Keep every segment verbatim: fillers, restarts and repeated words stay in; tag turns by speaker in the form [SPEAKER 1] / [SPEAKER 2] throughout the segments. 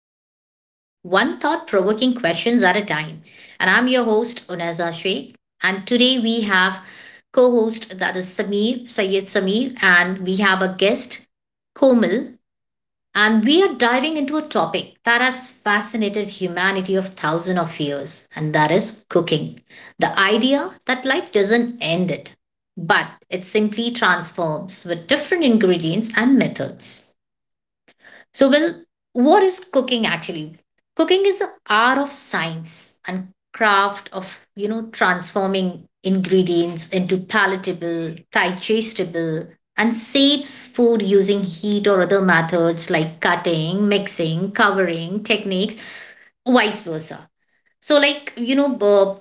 [SPEAKER 1] cookery, one thought provoking questions at a time. And I'm your host, Unaza Sheikh. And today we have co host that is Samir, Sayed Samir, and we have a guest, Komal. And we are diving into a topic that has fascinated humanity of thousands of years, and that is cooking. The idea that life doesn't end it, but it simply transforms with different ingredients and methods. So, well, what is cooking actually? Cooking is the art of science and craft of, you know, transforming ingredients into palatable, digestible, and saves food using heat or other methods like cutting, mixing, covering, techniques, vice versa. So, like, you know, uh,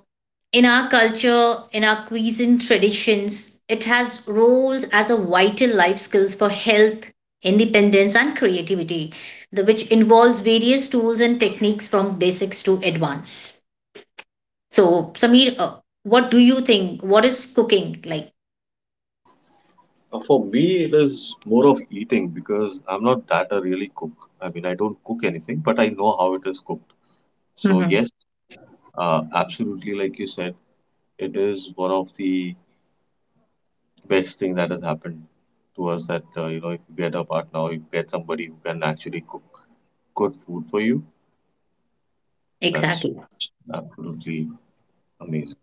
[SPEAKER 1] in our culture, in our cuisine traditions, it has roles as a vital life skills for health, independence, and creativity, the, which involves various tools and techniques from basics to advanced. So, Samir, uh, what do you think? What is cooking like?
[SPEAKER 2] Uh, For me, it is more of eating because I'm not that a really cook. I mean, I don't cook anything, but I know how it is cooked. So
[SPEAKER 1] Hmm.
[SPEAKER 2] yes, uh, absolutely, like you said, it is one of the best thing that has happened to us that uh, you know if you get a partner, or you get somebody who can actually cook good food for you. That's
[SPEAKER 1] Exactly.
[SPEAKER 2] absolutely amazing.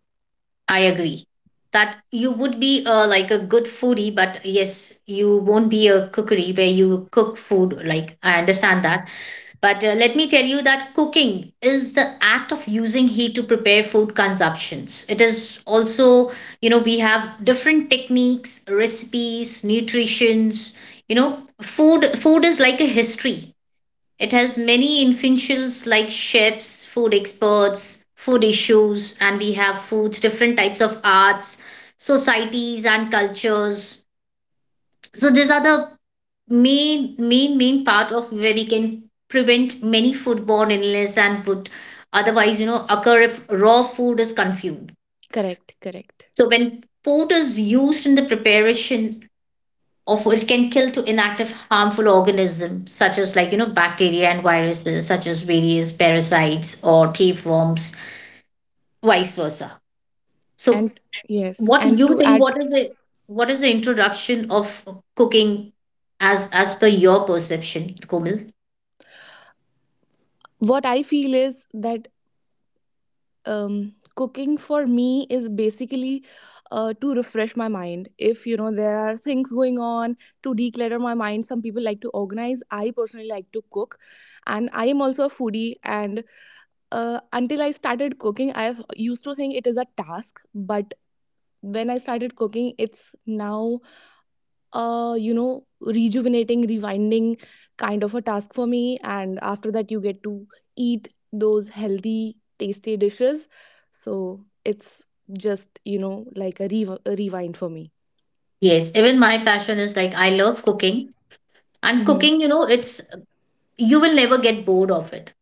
[SPEAKER 1] I agree that you would be uh, like a good foodie, but yes, you won't be a cookery where you cook food. Like, I understand that. But uh, let me tell you that cooking is the act of using heat to prepare food consumptions. It is also, you know, we have different techniques, recipes, nutritions, you know, food food is like a history. It has many influentials like chefs, food experts, food issues, and we have foods, different types of arts, societies and cultures. So these are the main main main path of where we can prevent many foodborne illness and would otherwise, you know, occur if raw food is consumed.
[SPEAKER 3] Correct, correct.
[SPEAKER 1] So when food is used in the preparation of it can kill to inactive harmful organisms such as, like, you know, bacteria and viruses such as various parasites or tapeworms, vice versa. So
[SPEAKER 3] And yes,
[SPEAKER 1] what do
[SPEAKER 3] and
[SPEAKER 1] you
[SPEAKER 3] to
[SPEAKER 1] think,
[SPEAKER 3] add,
[SPEAKER 1] what is it, what is the introduction of cooking as as per your perception, Komal?
[SPEAKER 3] what I feel is that um, cooking for me is basically uh, to refresh my mind. If you know there are things going on to declutter my mind, some people like to organize. I personally like to cook, and I am also a foodie. And uh, until I started cooking, I used to think it is a task, but when I started cooking, it's now uh, you know, rejuvenating, rewinding kind of a task for me. And after that, you get to eat those healthy, tasty dishes. So it's just, you know, like a, re- a rewind for me.
[SPEAKER 1] Yes, even my passion is like I love cooking. And
[SPEAKER 3] hmm
[SPEAKER 1] cooking, you know, it's you will never get bored of it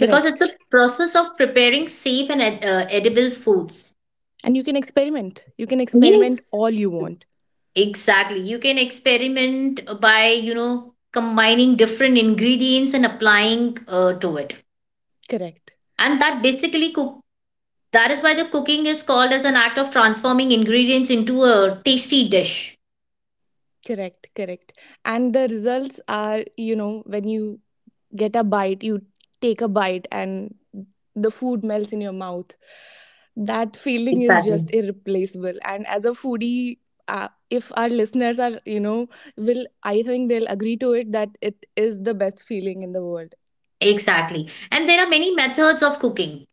[SPEAKER 1] because it's a process of preparing safe and ed- uh, edible foods.
[SPEAKER 3] And you can experiment. You can experiment
[SPEAKER 1] Yes,
[SPEAKER 3] all you want.
[SPEAKER 1] exactly. You can experiment by, you know, combining different ingredients and applying uh, to it.
[SPEAKER 3] Correct.
[SPEAKER 1] And that basically cook, that is why the cooking is called as an act of transforming ingredients into a tasty dish.
[SPEAKER 3] Correct. Correct. And the results are, you know, when you get a bite, you take a bite, and the food melts in your mouth. That feeling is
[SPEAKER 1] Exactly.
[SPEAKER 3] just irreplaceable. And as a foodie, uh, if our listeners are, you know, will I think they'll agree to it that it is the best feeling in the world.
[SPEAKER 1] Exactly. And there are many methods of cooking,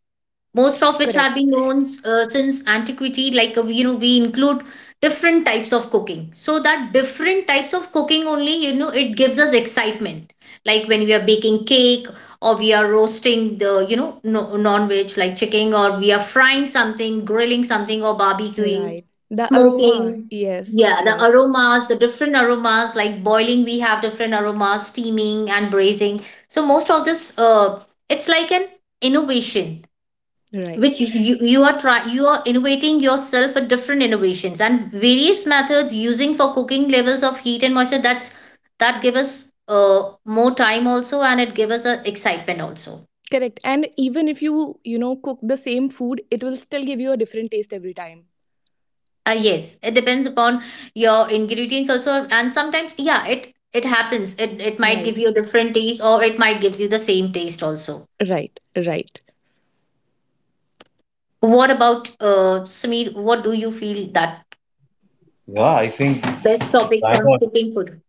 [SPEAKER 1] most of which have been
[SPEAKER 3] Correct.
[SPEAKER 1] known uh, since antiquity. Like, uh, you know, we include different types of cooking, so that different types of cooking only, you know, it gives us excitement, like when we are baking cake or we are roasting the, you know, no, non-veg like chicken, or we are frying something, grilling something, or barbecuing,
[SPEAKER 3] Right. The aroma.
[SPEAKER 1] smoking.
[SPEAKER 3] Yes.
[SPEAKER 1] Yeah, the
[SPEAKER 3] Yes.
[SPEAKER 1] aromas, the different aromas, like boiling we have different aromas, steaming and braising. So most of this uh it's like an innovation
[SPEAKER 3] Right.
[SPEAKER 1] which you, you are try you are innovating yourself with different innovations and various methods using for cooking levels of heat and moisture. That's that give us uh, more time also and it give us a excitement also.
[SPEAKER 3] Correct. And even if you, you know, cook the same food, it will still give you a different taste every time.
[SPEAKER 1] Uh, yes, it depends upon your ingredients also, and sometimes yeah, it it happens, it it might give
[SPEAKER 3] Right.
[SPEAKER 1] you a different taste, or it might gives you the same taste also.
[SPEAKER 3] Right. Right.
[SPEAKER 1] What about uh Sameer, what do you feel that
[SPEAKER 2] Yeah, I think
[SPEAKER 1] best topics
[SPEAKER 2] bang
[SPEAKER 1] on
[SPEAKER 2] on.
[SPEAKER 1] cooking food?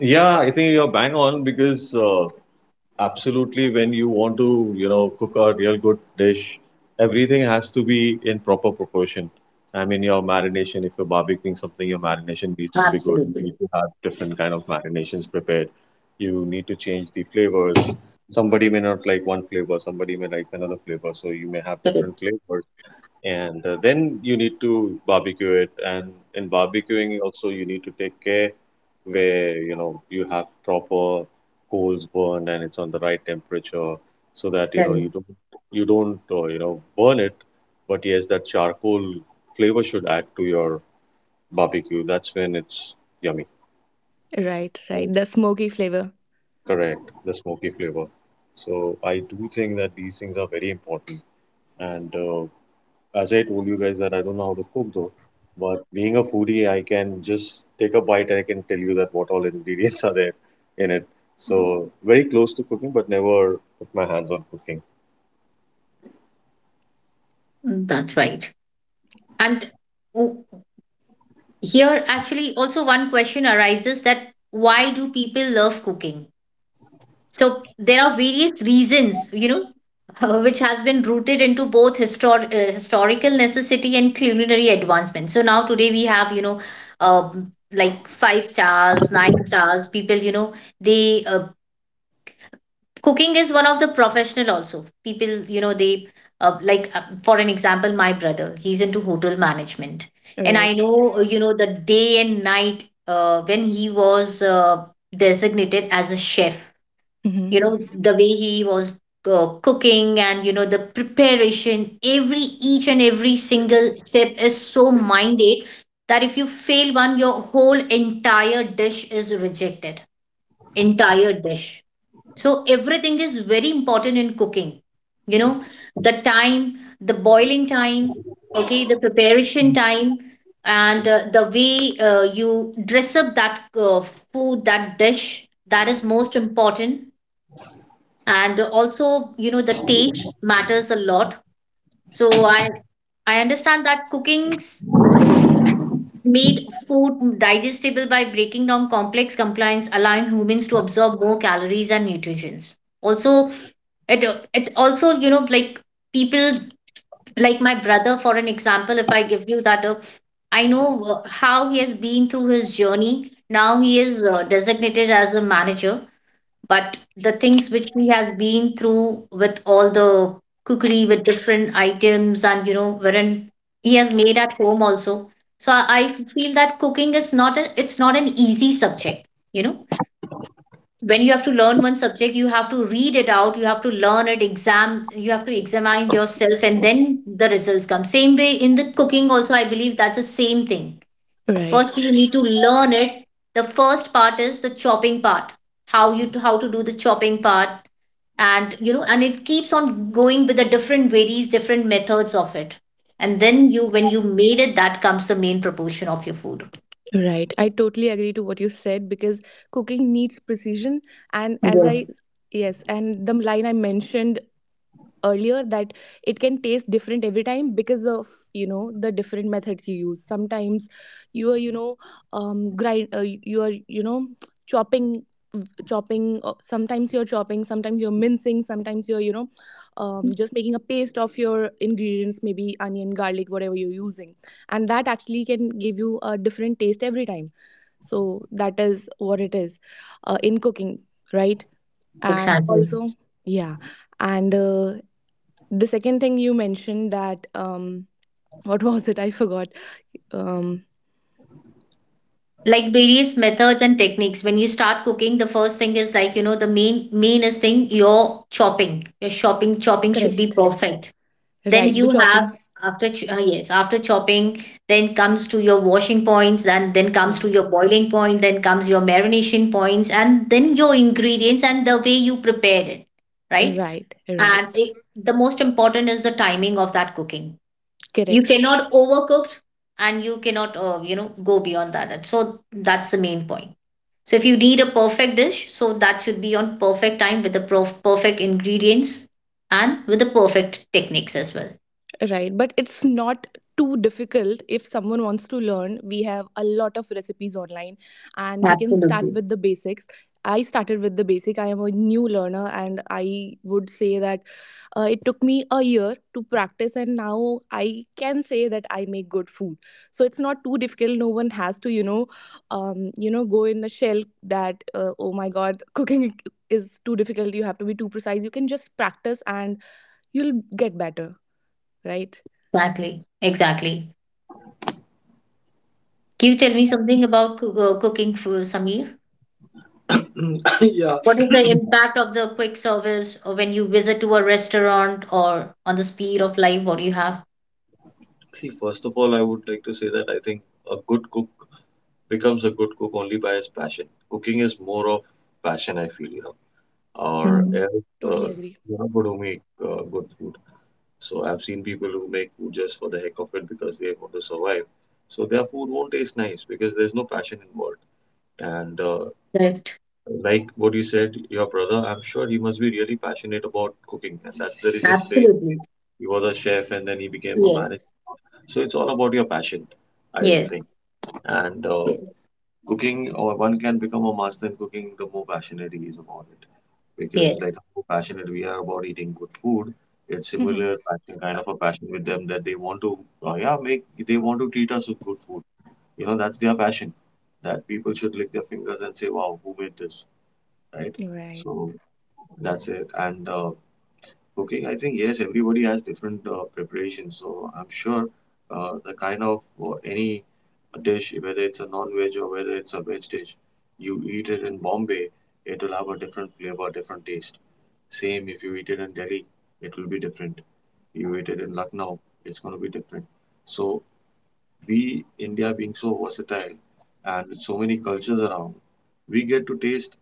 [SPEAKER 2] Yeah, I think you're bang on because. Uh, absolutely when you want to you know cook a real good dish, everything has to be in proper proportion. I mean your marination, if you're barbecuing something your marination needs to be good. You need
[SPEAKER 1] Absolutely.
[SPEAKER 2] to have different kind of marinations prepared. You need to change the flavors. Somebody may not like one flavor, somebody may like another flavor, so you may have different
[SPEAKER 1] Correct.
[SPEAKER 2] flavors. And uh, then you need to barbecue it, and in barbecuing also you need to take care where you know you have proper coals burned and it's on the right temperature, so that you know you
[SPEAKER 1] Correct.
[SPEAKER 2] don't you don't uh, you know burn it, but yes that charcoal flavor should add to your barbecue. That's when it's yummy.
[SPEAKER 3] Right.
[SPEAKER 2] Right,
[SPEAKER 3] Right. The smoky flavor.
[SPEAKER 2] correct, the smoky flavor. So I do think that these things are very important. And uh, As I told you guys that I don't know how to cook though, but being a foodie, I can just take a bite and I can tell you that what all ingredients are there in it. So very close to cooking, but never put my hands on cooking.
[SPEAKER 1] Mm, that's right. And w- Here, actually, also one question arises that why do people love cooking? So there are various reasons, you know, uh, which has been rooted into both histor- uh, historical necessity and culinary advancement. So now today we have, you know, um, like five stars, nine stars. People, you know, they uh, cooking is one of the professional also. People, you know, they uh, like uh, for an example, my brother, he's into hotel management. And I
[SPEAKER 3] Right.
[SPEAKER 1] know, uh, you know, the day and night, uh, when he was uh, designated as a chef, you
[SPEAKER 3] Mhm.
[SPEAKER 1] know, the way he was uh, cooking. And you know the preparation, every each and every single step is so minded that if you fail one, your whole entire dish is rejected, entire dish. So everything is very important in cooking. You know, the time, the boiling time, okay, the preparation time, and uh, the way uh, you dress up that uh, food, that dish, that is most important. And also, you know, the taste matters a lot. So I I understand that cookings made food digestible by breaking down complex compliance, allowing humans to absorb more calories and nutrients. Also, it it also, you know, like people, like my brother, for an example, if I give you that, uh, I know uh, how he has been through his journey. Now he is uh, designated as a manager, but the things which he has been through with all the cookery with different items, and you know wherein he has made at home also. So i, I feel that cooking is not a, it's not an easy subject, you know. When you have to learn one subject, you have to read it out, you have to learn it, exam, you have to examine yourself, and then the results come. Same way in the cooking also, I believe that's the same thing.
[SPEAKER 3] Right,
[SPEAKER 1] First you need to learn it. The first part is the chopping part, how you how to do the chopping part. And you know, and it keeps on going with the different varies different methods of it. And then you, when you made it, that comes the main proportion of your food.
[SPEAKER 3] right. I totally agree to what you said because cooking needs precision. And as I,
[SPEAKER 1] Yes,
[SPEAKER 3] yes, and the line I mentioned earlier, that it can taste different every time because of, you know, the different methods you use. Sometimes you are, you know, um grind uh, you are, you know, chopping chopping uh, sometimes you're chopping, sometimes you're mincing, sometimes you're, you know, um, just making a paste of your ingredients, maybe onion, garlic, whatever you're using, and that actually can give you a different taste every time. So that is what it is, uh, in cooking, right? And
[SPEAKER 1] exactly.
[SPEAKER 3] also yeah, and uh, the second thing you mentioned that um what was it, I forgot. um
[SPEAKER 1] Like various methods and techniques when you start cooking. The first thing is like, you know, the main mainest thing your chopping, your chopping chopping should be
[SPEAKER 3] Correct.
[SPEAKER 1] perfect. Then
[SPEAKER 3] Right, the
[SPEAKER 1] you have
[SPEAKER 3] chopping.
[SPEAKER 1] after ch- uh, yes, after chopping, then comes to your washing points, then then comes to
[SPEAKER 3] Right.
[SPEAKER 1] your boiling point, then comes your marination points, and then your ingredients and the way you prepared it. Right.
[SPEAKER 3] Right. Right.
[SPEAKER 1] And it, the most important is the timing of that cooking. You
[SPEAKER 3] Correct.
[SPEAKER 1] cannot overcook, and you cannot, uh, you know, go beyond that. And so that's the main point. So if you need a perfect dish, so that should be on perfect time with the prof- perfect ingredients and with the perfect techniques as well.
[SPEAKER 3] Right. But it's not too difficult. If someone wants to learn, we have a lot of recipes online, and we can start
[SPEAKER 1] Absolutely.
[SPEAKER 3] with the basics. I started with the basic, I am a new learner, and I would say that Uh, it took me a year to practice, and now I can say that I make good food. So it's not too difficult. No one has to, you know, um, you know, go in the shell that uh, oh my god, cooking is too difficult. You have to be too precise. You can just practice, and you'll get better. Right?
[SPEAKER 1] Exactly. Exactly. Can you tell me something about coo- uh, cooking for Samir?
[SPEAKER 2] Yeah.
[SPEAKER 1] What is the impact of the quick service or when you visit to a restaurant or on the speed of life? What do you have?
[SPEAKER 2] See, first of all, I would like to say that I think a good cook becomes a good cook only by his passion. Cooking is more of passion, I feel, you know. Or
[SPEAKER 1] Hmm.
[SPEAKER 2] else, uh,
[SPEAKER 3] Totally agree.
[SPEAKER 2] you're not going to make uh, good food. So I've seen people who make food just for the heck of it because they want to survive. So their food won't taste nice because there's no passion involved. And uh,
[SPEAKER 1] Correct.
[SPEAKER 2] like what you said, your brother, I'm sure he must be really passionate about cooking, and that's the reason today he
[SPEAKER 1] Absolutely.
[SPEAKER 2] he was a chef and then he became a manager.
[SPEAKER 1] Yes.
[SPEAKER 2] So it's all about your passion, I think.
[SPEAKER 1] Yes.
[SPEAKER 2] And uh,
[SPEAKER 1] Yes.
[SPEAKER 2] cooking, or one can become a master in cooking the more passionate he is about it, because
[SPEAKER 1] Yes.
[SPEAKER 2] like how passionate we are about eating good food, it's similar passion, kind of a passion with them, that they want to uh, yeah, make, they want to treat us with good food. You know, that's their passion, that people should lick their fingers and say wow, who made this, right?
[SPEAKER 3] Right.
[SPEAKER 2] So that's it, and uh, cooking, I think yes everybody has different uh, preparations. So I'm sure uh, the kind of uh, any dish, whether it's a non-veg or whether it's a veg dish, you eat it in Bombay, it will have a different flavor, different taste. Same if you eat it in Delhi, it will be different. You eat it in Lucknow, it's going to be different. So we, India being so versatile and with so many cultures around, we get to taste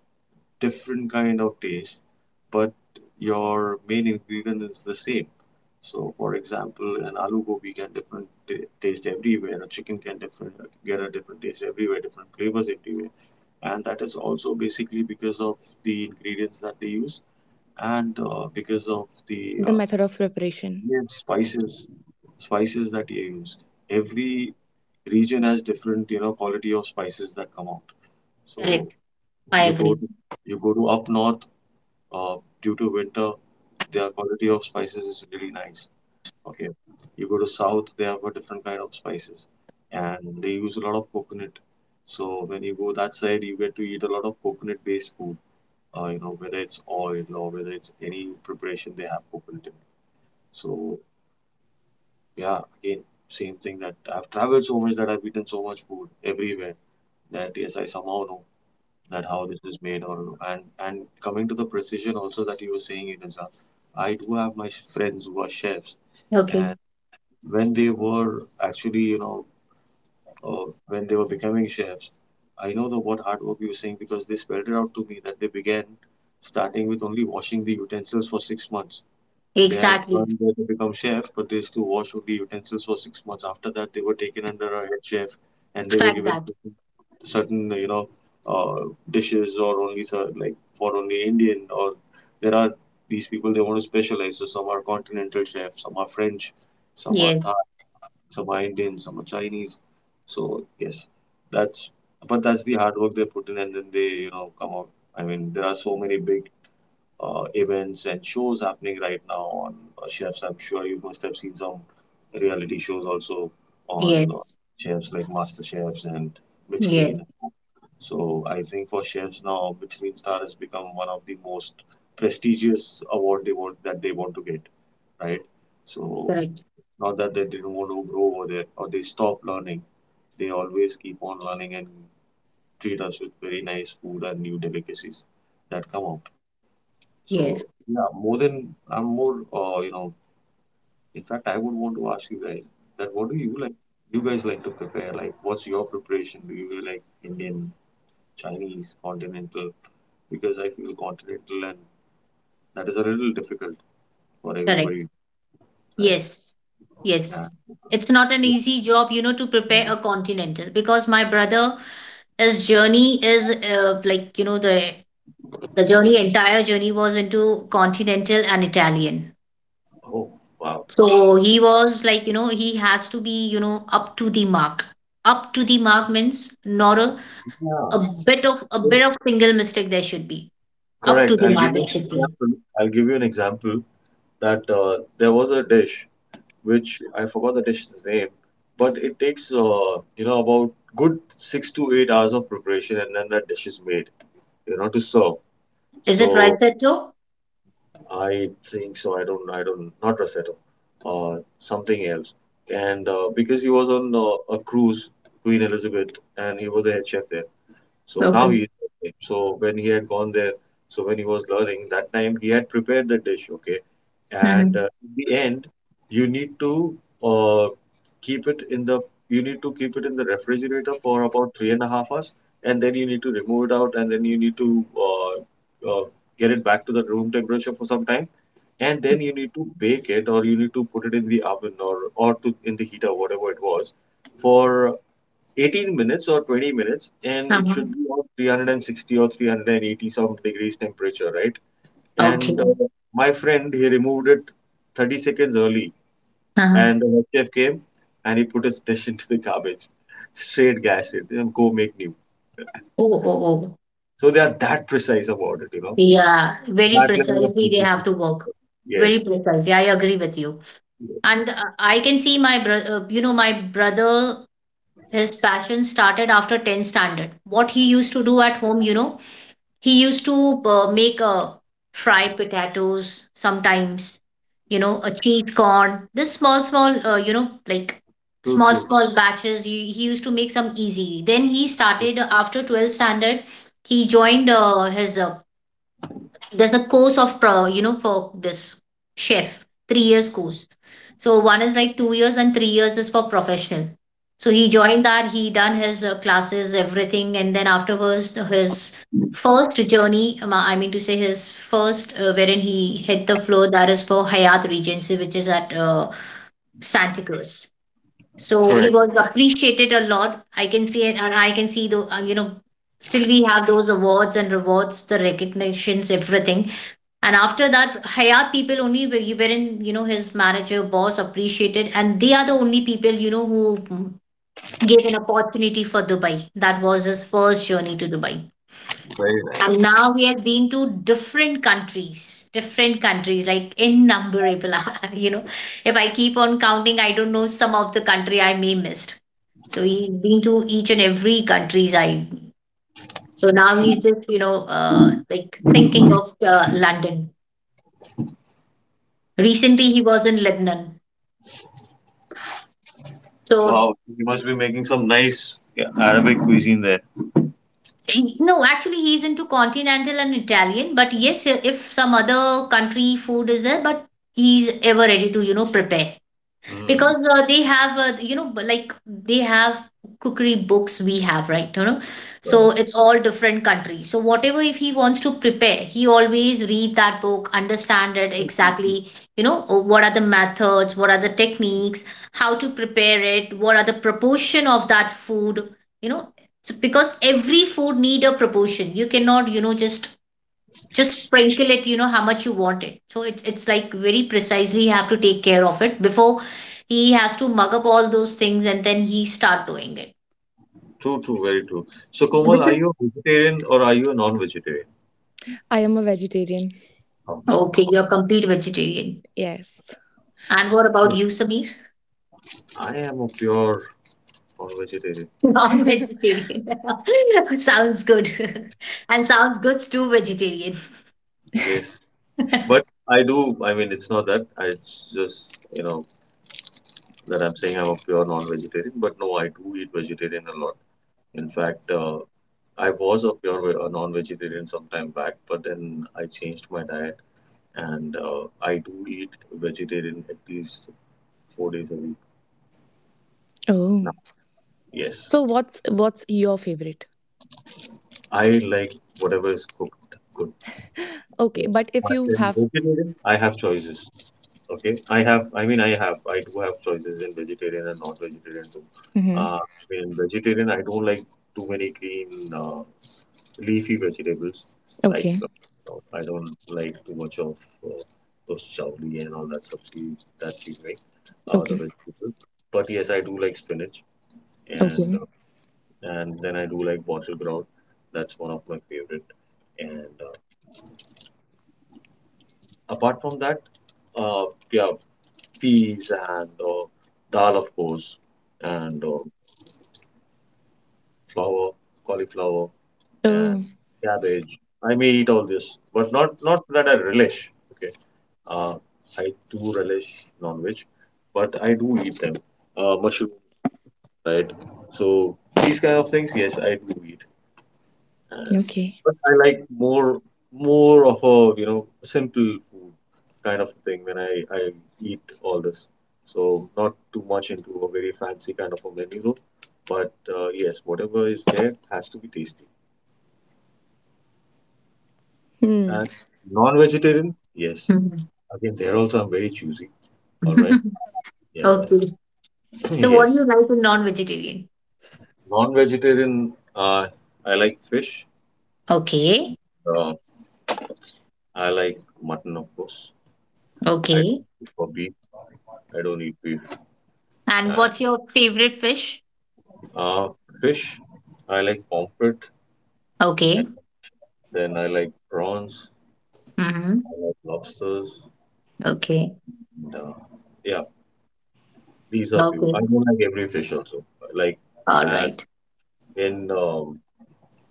[SPEAKER 2] different kind of taste, but your main ingredient is the same. So, for example, an aloo gobi can different taste everywhere. A chicken can different get a different taste everywhere, different flavors everywhere, and that is also basically because of the ingredients that they use, and uh, because of the
[SPEAKER 3] The
[SPEAKER 2] uh,
[SPEAKER 3] method of preparation.
[SPEAKER 2] Yes, spices, spices that you used. Every region has different, you know, quality of spices that come out.
[SPEAKER 1] Correct.
[SPEAKER 2] So
[SPEAKER 1] I
[SPEAKER 2] you go
[SPEAKER 1] agree.
[SPEAKER 2] to you go to up north, uh, due to winter, their quality of spices is really nice. Okay, you go to south, they have a different kind of spices, and they use a lot of coconut. So when you go that side, you get to eat a lot of coconut-based food. Uh, you know, whether it's oil or whether it's any preparation they have coconut in it. So yeah, again, same thing that I've traveled so much that I've eaten so much food everywhere, that yes, I somehow know that how this is made or and and coming to the precision also that you were saying, Inessa, I do have my friends who are chefs,
[SPEAKER 1] Okay.
[SPEAKER 2] and when they were actually, you know, uh, when they were becoming chefs, I know the what hard work you were saying, because they spelled it out to me that they began starting with only washing the utensils for six months. They had
[SPEAKER 1] Exactly.
[SPEAKER 2] one there to become chef, but they used to wash only utensils for six months. After that, they were taken under a head chef, and they were
[SPEAKER 1] Fact
[SPEAKER 2] given
[SPEAKER 1] that.
[SPEAKER 2] certain, you know, uh, dishes or only cer- like for only Indian. Or there are these people they want to specialize. So some are continental chefs, some are French, some are Thai,
[SPEAKER 1] Yes.
[SPEAKER 2] some are Indian, some are Chinese. So yes, that's but that's the hard work they put in, and then they you know come out. I mean, there are so many big uh, events and shows happening right now on uh, chefs. I'm sure you must have seen some reality shows also on uh,
[SPEAKER 1] Yes.
[SPEAKER 2] chefs, like Master Chefs and
[SPEAKER 1] Yes.
[SPEAKER 2] Michelin. So I think for chefs now, Michelin star has become one of the most prestigious award they want that they want to get, right? So
[SPEAKER 1] Correct.
[SPEAKER 2] not that they didn't want to grow over there or they stop learning, they always keep on learning and treat us with very nice food and new delicacies that come out. So
[SPEAKER 1] Yes.
[SPEAKER 2] yeah, more than I'm more uh, you know, in fact I would want to ask you guys that what do you like, you guys like to prepare? Like what's your preparation? Do you like Indian, Chinese, continental? Because I feel continental and that is a little difficult for
[SPEAKER 1] Correct.
[SPEAKER 2] everybody, right?
[SPEAKER 1] Yes,
[SPEAKER 2] Yeah.
[SPEAKER 1] yes. It's not an easy job, you know, to prepare a continental. Because my brother, his journey is uh, like, you know, the the journey, entire journey was into continental and Italian.
[SPEAKER 2] Oh, wow.
[SPEAKER 1] So he was like, you know, he has to be, you know, up to the mark. Up to the mark means not a,
[SPEAKER 2] Yeah.
[SPEAKER 1] a bit of a
[SPEAKER 2] So
[SPEAKER 1] bit of single mistake there should be. Up to
[SPEAKER 2] correct.
[SPEAKER 1] the
[SPEAKER 2] I'll give
[SPEAKER 1] mark
[SPEAKER 2] you
[SPEAKER 1] it
[SPEAKER 2] an
[SPEAKER 1] should be.
[SPEAKER 2] example. I'll give you an example that uh, there was a dish which I forgot the dish's name, but it takes uh, you know about good six to eight hours of preparation, and then that dish is made, you know, to serve.
[SPEAKER 1] Is it right,
[SPEAKER 2] So
[SPEAKER 1] Seto?
[SPEAKER 2] I think so. I don't. I don't. Not Rosetto. Uh, something else. And uh, because he was on uh, a cruise, Queen Elizabeth, and he was a head chef there. So now
[SPEAKER 1] Okay.
[SPEAKER 2] he, so when he had gone there, so when he was learning that time, he had prepared the dish, okay. And
[SPEAKER 1] Mm-hmm.
[SPEAKER 2] uh, in the end, you need to uh, keep it in the you need to keep it in the refrigerator for about three and a half hours, and then you need to remove it out, and then you need to uh, uh, get it back to the room temperature for some time, and then
[SPEAKER 1] Mm-hmm.
[SPEAKER 2] you need to bake it or you need to put it in the oven or or to in the heater, whatever it was, for eighteen minutes or twenty minutes, and it
[SPEAKER 1] Uh-huh.
[SPEAKER 2] should be on three hundred sixty or three hundred eighty some degrees temperature, right?
[SPEAKER 1] Okay.
[SPEAKER 2] and uh, my friend he removed it thirty seconds early,
[SPEAKER 1] Uh-huh.
[SPEAKER 2] and the head chef came and he put his dish into the garbage, straight gashed it and go make new.
[SPEAKER 1] Oh, oh, oh.
[SPEAKER 2] So they are that precise about it, you know,
[SPEAKER 1] Yeah, very
[SPEAKER 2] that level of
[SPEAKER 1] precisely they have
[SPEAKER 2] precision.
[SPEAKER 1] to work. Very
[SPEAKER 2] Yes.
[SPEAKER 1] precisely. I agree with you.
[SPEAKER 2] Yes.
[SPEAKER 1] And uh, I can see my brother, uh, you know, my brother, his passion started after tenth standard. What he used to do at home, you know, he used to uh, make a fry potatoes sometimes, you know, a cheese corn, this small, small, uh, you know, like small,
[SPEAKER 2] So.
[SPEAKER 1] small batches. He, he used to make some easy. Then he started uh, after twelfth standard, he joined uh, his uh, there's a course of pro, you know, for this chef, three years course. So one is like two years and three years is for professional. So he joined that, he done his uh, classes, everything, and then afterwards his first journey, um, I mean to say his first uh, wherein he hit the floor, that is for Hayat Regency, which is at uh, Santa Cruz. So he
[SPEAKER 2] Correct.
[SPEAKER 1] was appreciated a lot, I can see it, and I can see the, uh, you know, still we have those awards and rewards, the recognitions, everything. And after that, Hayat people only were- wherein, you know, his manager, boss appreciated, and they are the only people, you know, who gave an opportunity for Dubai. That was his first journey to Dubai.
[SPEAKER 2] Very nice.
[SPEAKER 1] And now he has been to different countries, different countries, like innumerable. You know, if I keep on counting, I don't know some of the country I may missed. So he's been to each and every countries I. So now he's just, you know, uh, like thinking of uh, London. Recently, he was in Lebanon. So,
[SPEAKER 2] Wow, you must be making some nice, yeah, Arabic cuisine there.
[SPEAKER 1] he- no, actually, he's into continental and Italian. But yes, if some other country food is there, but he's ever ready to, you know, prepare.
[SPEAKER 2] Mm.
[SPEAKER 1] because uh, they have uh, you know but like they have cookery books we have, right? You know so it's all different countries. So whatever, if he wants to prepare, he always read that book, understand it exactly, you know uh, what are the methods, what are the techniques, how to prepare it, what are the proportion of that food. you know so because every food need a proportion, you cannot you know just just sprinkle it you know how much you want it. So it's it's like very precisely you have to take care of it before he has to mug up all those things, and then he start doing it.
[SPEAKER 2] True, true, very true. So
[SPEAKER 1] So,
[SPEAKER 2] Komal,
[SPEAKER 1] this
[SPEAKER 2] are
[SPEAKER 1] is
[SPEAKER 2] you a vegetarian or are you a non-vegetarian?
[SPEAKER 3] I am a vegetarian.
[SPEAKER 2] Okay.
[SPEAKER 1] okay, you're complete vegetarian?
[SPEAKER 3] Yes.
[SPEAKER 1] And what about
[SPEAKER 2] Hmm.
[SPEAKER 1] you, Sameer?
[SPEAKER 2] I am a pure non-vegetarian.
[SPEAKER 1] Non-vegetarian. Sounds good. And sounds good to vegetarian.
[SPEAKER 2] Yes, but I do. I mean, it's not that. I, it's just you know that I'm saying I'm a pure non-vegetarian. But no, I do eat vegetarian a lot. In fact, uh, I was a pure ve- a non-vegetarian some time back, but then I changed my diet, and uh, I do eat vegetarian at least four days a week
[SPEAKER 3] Oh.
[SPEAKER 2] now. Yes,
[SPEAKER 3] So what's what's your favorite?
[SPEAKER 2] I like whatever is cooked good. Yeah.
[SPEAKER 3] Okay, but if
[SPEAKER 2] But
[SPEAKER 3] you
[SPEAKER 2] then
[SPEAKER 3] have.
[SPEAKER 2] vegetarian, I have choices. Okay, I have, I mean, I have, I do have choices in vegetarian and non-vegetarian too.
[SPEAKER 3] Hmm.
[SPEAKER 2] Uh, in vegetarian, I don't like too many green, uh, leafy vegetables. Like,
[SPEAKER 3] Okay.
[SPEAKER 2] uh, no, I don't like too much of uh, those chawli and all that stuff we- that we make, uh, the
[SPEAKER 3] Okay.
[SPEAKER 2] vegetables. But yes, I do like spinach, and uh,
[SPEAKER 3] Okay.
[SPEAKER 2] and then I do like bottle ground. That's one of my favorite. And uh, apart from that, uh, yeah, peas and uh, dal, of course, and uh, flower, cauliflower, and
[SPEAKER 3] Oh,
[SPEAKER 2] cabbage. I may eat all this, but not not that I relish. Okay, uh, I do relish non-veg, but I do eat them. Uh, mushrooms, right? So these kind of things, yes, I do eat. Uh,
[SPEAKER 3] okay.
[SPEAKER 2] but I like more more of a you know simple food kind of thing when I, I eat all this. So not too much into a very fancy kind of a menu, but uh, yes, whatever is there has to be tasty.
[SPEAKER 3] Hmm.
[SPEAKER 2] And non-vegetarian, yes. Again, there also I'm very choosy.
[SPEAKER 1] Mhm.
[SPEAKER 2] All right. Yeah.
[SPEAKER 1] Okay.
[SPEAKER 2] Yeah.
[SPEAKER 1] So what do
[SPEAKER 2] Yes.
[SPEAKER 1] you like in non-vegetarian?
[SPEAKER 2] Non-vegetarian, uh, I like fish.
[SPEAKER 1] Okay.
[SPEAKER 2] Uh, I like mutton, of course. I
[SPEAKER 1] Okay.
[SPEAKER 2] don't eat for beef. I don't eat beef.
[SPEAKER 1] And
[SPEAKER 2] Uh,
[SPEAKER 1] what's your favorite fish?
[SPEAKER 2] Uh, fish, I like pomfret, and
[SPEAKER 1] Okay.
[SPEAKER 2] then I like prawns,
[SPEAKER 1] Hmm.
[SPEAKER 2] I like lobsters,
[SPEAKER 1] Okay.
[SPEAKER 2] and uh, yeah, these are few.
[SPEAKER 1] Okay.
[SPEAKER 2] I don't like every fish also. Like,
[SPEAKER 1] All
[SPEAKER 2] and
[SPEAKER 1] right.
[SPEAKER 2] in um,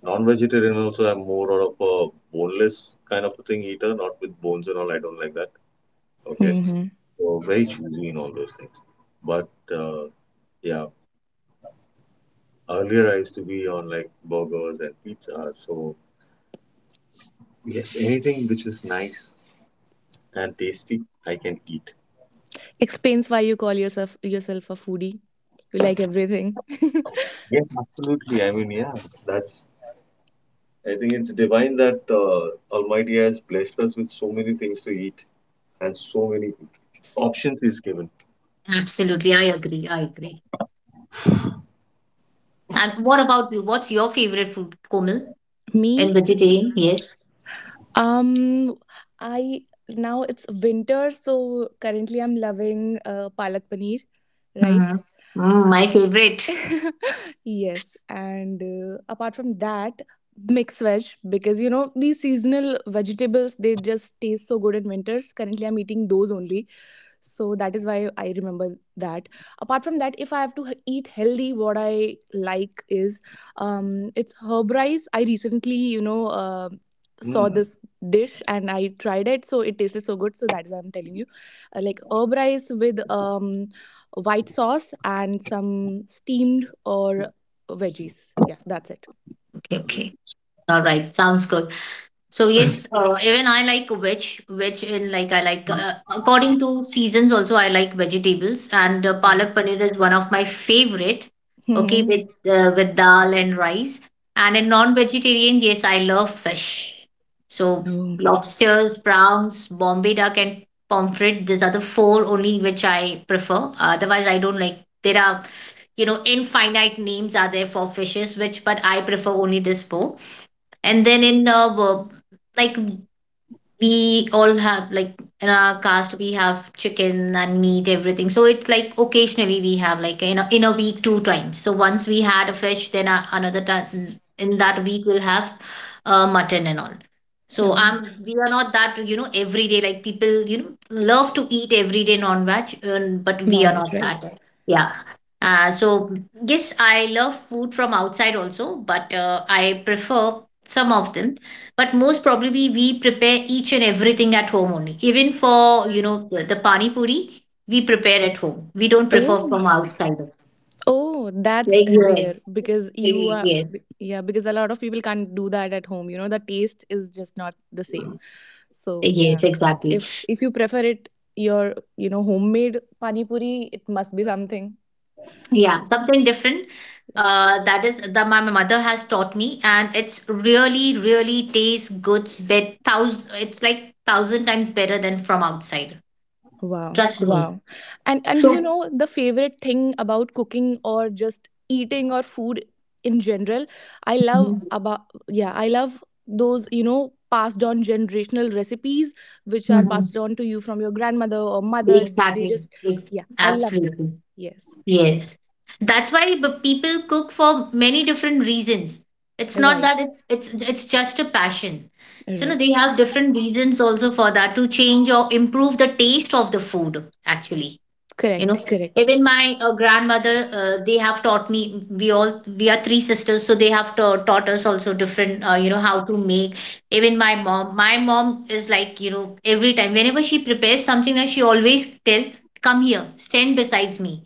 [SPEAKER 2] non-vegetarian also, I'm more of a boneless kind of a thing eater, not with bones and all. I don't like that. Okay,
[SPEAKER 3] Mm-hmm.
[SPEAKER 2] so very choosy in all those things. But uh, yeah, earlier I used to be on like burgers and pizza. So yes, anything which is nice and tasty, I can eat.
[SPEAKER 3] Explains why you call yourself yourself a foodie. You like everything.
[SPEAKER 2] Yes, absolutely. I mean, yeah, that's I think it's divine that uh, Almighty has blessed us with so many things to eat and so many options is given.
[SPEAKER 1] Absolutely. I
[SPEAKER 3] Right.
[SPEAKER 1] agree. I agree. And what about you? What's your favorite food, Komal? And
[SPEAKER 3] Me?
[SPEAKER 1] vegetarian? Yes.
[SPEAKER 3] Um, I now it's winter, so currently I'm loving uh, palak paneer, right?
[SPEAKER 1] Hmm. Mm, my favorite.
[SPEAKER 3] Yes, and uh, apart from that, mixed veg, because you know these seasonal vegetables, they just taste so good in winters. Currently I'm eating those only, so that is why I remember that. Apart from that, if I have to h- eat healthy, what I like is um it's herb rice. I recently, you know, uh, saw
[SPEAKER 2] Hmm.
[SPEAKER 3] this dish and I tried it, so it tasted so good, so that's why I'm telling you. Uh, like herb rice with um white sauce and some steamed or veggies. Yeah, that's it.
[SPEAKER 1] Okay. Okay. All right. Sounds good. So yes, uh, even I like veg. Veg in like I like, uh, according to seasons also, I like vegetables, and uh, palak paneer is one of my favorite. Okay,
[SPEAKER 3] Mm-hmm.
[SPEAKER 1] with uh, with dal and rice. And in non-vegetarian, yes, I love fish. So
[SPEAKER 3] No,
[SPEAKER 1] lobsters, prawns, Bombay duck, and pomfret. These are the four only which I prefer. Otherwise, I don't like. There are, you know, infinite names are there for fishes, which, but I prefer only this four. And then in uh, w- like, we all have like, in our caste we have chicken and meat, everything. So it's like occasionally we have, like, you know, in a week two times. So once we had a fish, then a- another time in that week we'll have uh, mutton and all. So
[SPEAKER 3] no,
[SPEAKER 1] um, we are not that, you know, every day, like people, you know, love to eat every day non-veg. Um, but we are
[SPEAKER 3] non-veg,
[SPEAKER 1] not
[SPEAKER 3] right?
[SPEAKER 1] that. Yeah. Uh, so yes, I love food from outside also, but uh, I prefer some of them. But most probably we prepare each and everything at home only. Even for, you know, the, the pani puri, we prepare at home, we don't prefer
[SPEAKER 3] Oh,
[SPEAKER 1] from outside.
[SPEAKER 3] oh, that's
[SPEAKER 1] Like,
[SPEAKER 3] rare because you
[SPEAKER 1] yes,
[SPEAKER 3] are,
[SPEAKER 1] yes,
[SPEAKER 3] yeah, because a lot of people can't do that at home. You know, the taste is just not the same. So
[SPEAKER 1] yes,
[SPEAKER 3] yeah,
[SPEAKER 1] exactly.
[SPEAKER 3] if if you prefer it, your you know homemade pani puri, it must be something.
[SPEAKER 1] Yeah, something different.
[SPEAKER 3] Yeah.
[SPEAKER 1] Uh, that is that my mother has taught me, and it's really really tastes good bet thousand, it's like thousand times better than from outside,
[SPEAKER 3] Wow,
[SPEAKER 1] trust me.
[SPEAKER 3] wow. And and
[SPEAKER 1] So,
[SPEAKER 3] you know the favorite thing about cooking or just eating or food in general? I
[SPEAKER 1] mhm,
[SPEAKER 3] love about yeah, I love those, you know, passed on generational recipes which are
[SPEAKER 1] mhm,
[SPEAKER 3] passed on to you from your grandmother or mother. They
[SPEAKER 1] exactly.
[SPEAKER 3] just
[SPEAKER 1] It's
[SPEAKER 3] yeah, I love those.
[SPEAKER 1] absolutely.
[SPEAKER 3] Yes.
[SPEAKER 1] Yes. That's why b- people cook for many different reasons. It's not
[SPEAKER 3] Right.
[SPEAKER 1] that, it's it's it's just a passion. So no,
[SPEAKER 3] Right.
[SPEAKER 1] they have different reasons also for that, to change or improve the taste of the food, actually, you know.
[SPEAKER 3] Correct. Correct.
[SPEAKER 1] Even my uh, grandmother, uh, they have taught me. We all, we are three sisters, so they have ta- taught us also different, uh, you know, how to make. Even my mom, my mom is like, you know, every time whenever she prepares something, that she always tell, come here, stand besides me,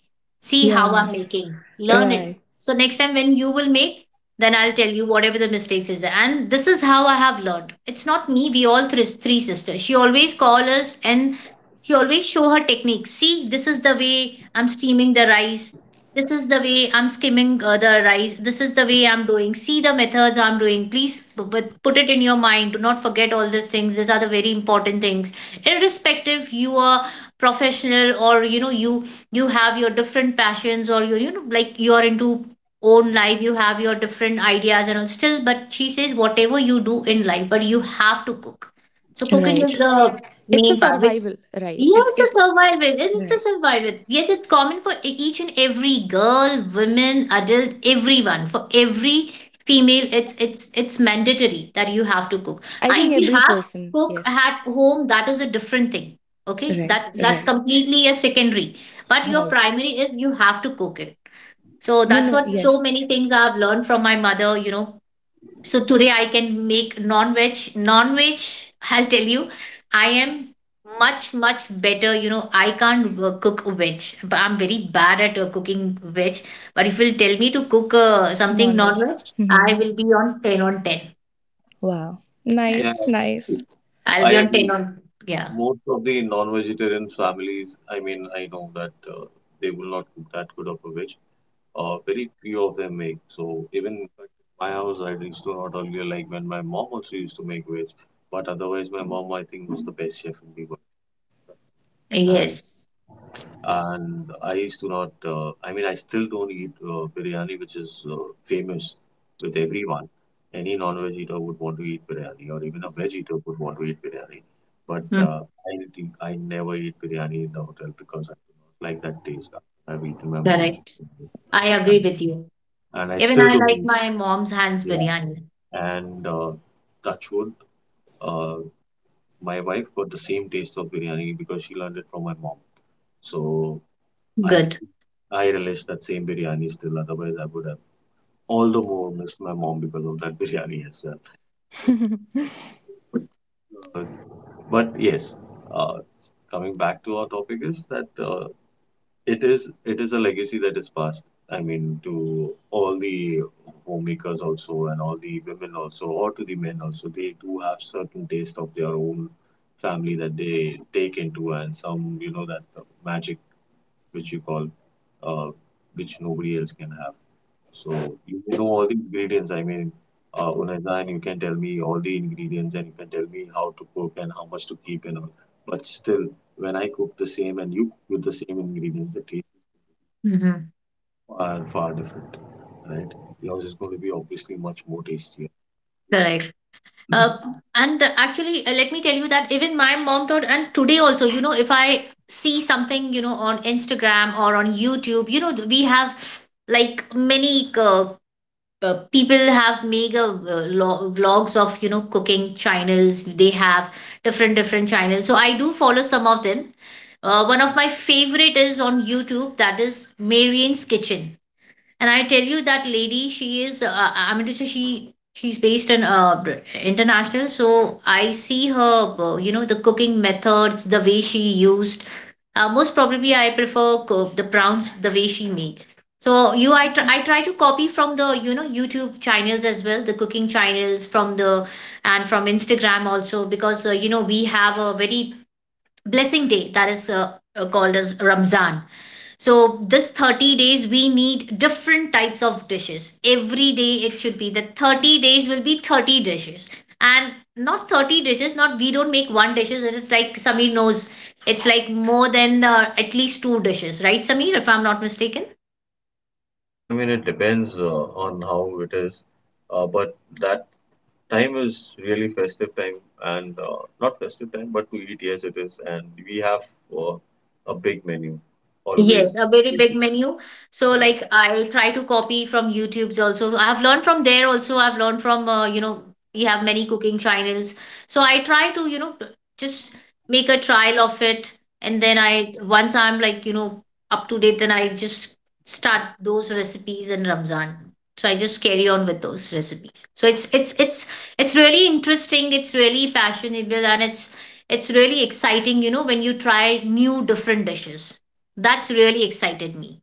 [SPEAKER 1] see how
[SPEAKER 3] Yeah.
[SPEAKER 1] I'm making, learn it.
[SPEAKER 3] Right.
[SPEAKER 1] So next time when you will make, then I'll tell you whatever the mistakes is there. And this is how I have learned. It's not me, we all three, three sisters, she always call us. And she always show her technique. See, this is the way I'm steaming the rice. This is the way I'm skimming uh, the rice. This is the way I'm doing. See the methods I'm doing. Please p- but put it in your mind. Do not forget all these things. These are the very important things. Irrespective, you are professional, or, you know, you you have your different passions, or you you know, like you are into own life, you have your different ideas and all still, but she says whatever you do in life, but you have to cook. So cooking
[SPEAKER 3] Right.
[SPEAKER 1] is the
[SPEAKER 3] It's a
[SPEAKER 1] main part which,
[SPEAKER 3] survival, right.
[SPEAKER 1] yeah,
[SPEAKER 3] It
[SPEAKER 1] it's
[SPEAKER 3] it
[SPEAKER 1] a survival. And it's a
[SPEAKER 3] right.
[SPEAKER 1] survival. Yet it's common for e- each and every girl, women, adult, everyone. For every female, it's it's it's mandatory that you have to cook.
[SPEAKER 3] I
[SPEAKER 1] Ah,
[SPEAKER 3] think
[SPEAKER 1] if you
[SPEAKER 3] every
[SPEAKER 1] have
[SPEAKER 3] person,
[SPEAKER 1] cook
[SPEAKER 3] yes.
[SPEAKER 1] at home, that is a different thing. Okay,
[SPEAKER 3] Right.
[SPEAKER 1] that's that's
[SPEAKER 3] Right.
[SPEAKER 1] completely a secondary. But your
[SPEAKER 3] Right.
[SPEAKER 1] primary is you have to cook it. So
[SPEAKER 3] You
[SPEAKER 1] that's
[SPEAKER 3] know,
[SPEAKER 1] what, so
[SPEAKER 3] yes,
[SPEAKER 1] many things I've learned from my mother. You know, so today I can make non-veg. Non-veg, I'll tell you, I am much, much better. You know, I can't uh, cook veg, but I'm very bad at uh, cooking veg. But if you'll tell me to cook uh, something
[SPEAKER 3] non veg.
[SPEAKER 1] non-veg,
[SPEAKER 3] Hmm.
[SPEAKER 1] I will be on ten on ten.
[SPEAKER 3] Wow.
[SPEAKER 2] Yeah,
[SPEAKER 3] Nice, nice.
[SPEAKER 1] I'll
[SPEAKER 2] I
[SPEAKER 1] be on ten
[SPEAKER 2] agree.
[SPEAKER 1] on, yeah.
[SPEAKER 2] Most of the non-vegetarian families, I mean, I know that uh, they will not cook that good of a veg. Uh, very few of them make. So even in fact, my house, I used to not earlier like when my mom also used to make veg, but otherwise my mom, I think, was the best chef in the world. And
[SPEAKER 1] Yes.
[SPEAKER 2] and I used to not. Uh, I mean, I still don't eat uh, biryani, which is uh, famous with everyone. Any non-veg eater would want to eat biryani, or even a veg eater would want to eat biryani. But
[SPEAKER 1] Mm,
[SPEAKER 2] uh, I think I never eat biryani in the hotel because I do not like that taste. I've eaten my mom's
[SPEAKER 1] correct.
[SPEAKER 2] biryani,
[SPEAKER 1] I agree
[SPEAKER 2] and,
[SPEAKER 1] with you.
[SPEAKER 2] and I
[SPEAKER 1] Even
[SPEAKER 2] still
[SPEAKER 1] I
[SPEAKER 2] do
[SPEAKER 1] like
[SPEAKER 2] eat.
[SPEAKER 1] my mom's hands
[SPEAKER 2] Yeah,
[SPEAKER 1] biryani.
[SPEAKER 2] and uh, touch wood, uh, my wife got the same taste of biryani because she learned it from my mom. So I
[SPEAKER 1] Good.
[SPEAKER 2] I relish that same biryani still. Otherwise, I would have all the more missed my mom because of that biryani as well. So, uh, but yes, uh, coming back to our topic is that uh, it is it is a legacy that is passed. I mean, to all the homemakers also, and all the women also, or to the men also, they do have certain taste of their own family that they take into, and some you know that uh, magic which you call, uh, which nobody else can have. So you may know all the ingredients. I mean, uh, unazan, you can tell me all the ingredients and you can tell me how to cook and how much to keep and all. But still, when I cook the same and you cook with the same ingredients, the taste
[SPEAKER 1] Hmm.
[SPEAKER 2] are far different, right? Yours is going to be obviously much more tastier.
[SPEAKER 1] Correct. Uh, and actually, uh, let me tell you that even my mom taught, and today also, you know, if I see something, you know, on Instagram or on YouTube, you know, we have like many uh, uh, people have made uh, lo- vlogs of, you know, cooking channels. They have different, different channels. So I do follow some of them. Uh, one of my favorite is on YouTube, that is Marian's Kitchen. And I tell you that lady, she is. Uh, uh, I mean to say, she she's based in uh, international. So I see her. uh, You know, the cooking methods, the way she used. Uh, most probably, I prefer co- the prawns the way she makes. So you, I try, I try to copy from the, you know, YouTube channels as well, the cooking channels from the, and from Instagram also. Because uh, you know, we have a very blessing day, that is uh, uh, called as Ramzan. So this thirty days, we need different types of dishes every day. It should be that thirty days will be thirty dishes. And not thirty dishes, not, we don't make one dishes. It's like Sameer knows, it's like more than uh, at least two dishes, right Sameer? If I'm not mistaken.
[SPEAKER 2] I mean, it depends uh, on how it is, uh, but that time is really festive time, and uh, not festive time but to eat, yes it is, and we have uh, a big menu always.
[SPEAKER 1] Yes, a very big menu. So like, I try to copy from YouTube's also. So I've learned from there also. I've learned from uh, you know, you have many cooking channels. So I try to, you know, p- just make a trial of it. And then I, once I'm like, you know, up to date, then I just start those recipes in Ramzan. So I just carry on with those recipes. So it's it's it's it's really interesting. It's really fashionable, and it's it's really exciting. You know, when you try new different dishes, that's really excited me.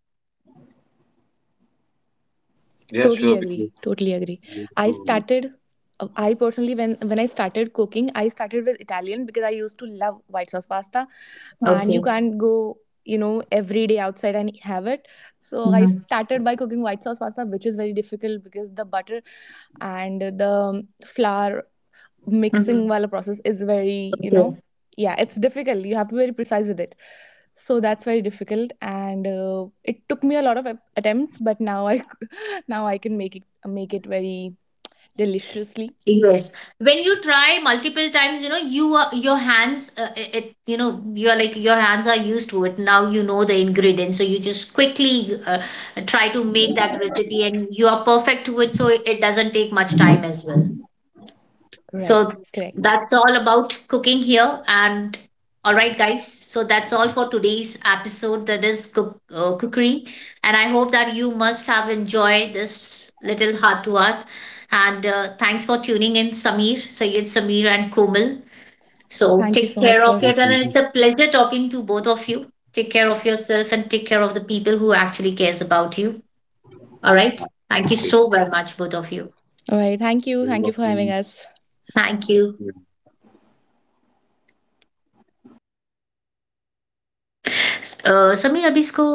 [SPEAKER 2] Yeah,
[SPEAKER 3] Totally
[SPEAKER 2] sure, because
[SPEAKER 3] agree. Totally agree.
[SPEAKER 2] we need
[SPEAKER 3] I
[SPEAKER 2] to
[SPEAKER 3] started, uh, I personally, when, when I started cooking, I started with Italian because I used to love white sauce pasta, and you
[SPEAKER 1] Okay.
[SPEAKER 3] can't go, you know, every day outside and have it. So I
[SPEAKER 1] Mm-hmm.
[SPEAKER 3] started by cooking white sauce pasta, which is very difficult because the butter and the flour mixing while
[SPEAKER 1] Mm-hmm.
[SPEAKER 3] wala process is very, you know,
[SPEAKER 1] Okay.
[SPEAKER 3] yeah, it's difficult. You have to be very precise with it, so that's very difficult. And uh, it took me a lot of ap- attempts, but now I now I can make it make it very deliciously.
[SPEAKER 1] Yes. When you try multiple times, you know, you are, your hands, uh, it, it- you know, you're like, your hands are used to it. Now you know the ingredients. So you just quickly uh, try to make that recipe, and you are perfect to it. So it, it doesn't take much time as well.
[SPEAKER 3] Right.
[SPEAKER 1] So
[SPEAKER 3] Correct.
[SPEAKER 1] that's all about cooking here. And all right, guys, so that's all for today's episode. That is cook, uh, cookery. And I hope that you must have enjoyed this little heart to heart. And uh, thanks for tuning in, Samir, Sayed Samir, and Komal. So
[SPEAKER 3] Thank you
[SPEAKER 1] take
[SPEAKER 3] so much
[SPEAKER 1] care
[SPEAKER 3] for
[SPEAKER 1] of your, and it's a pleasure talking to both of you. Take care of yourself, and take care of the people who actually cares about you. All right. Thank you so very much, both of you.
[SPEAKER 3] all right. Thank you. Thank you for having us.
[SPEAKER 1] Thank you. Uh, Samir, अब इसको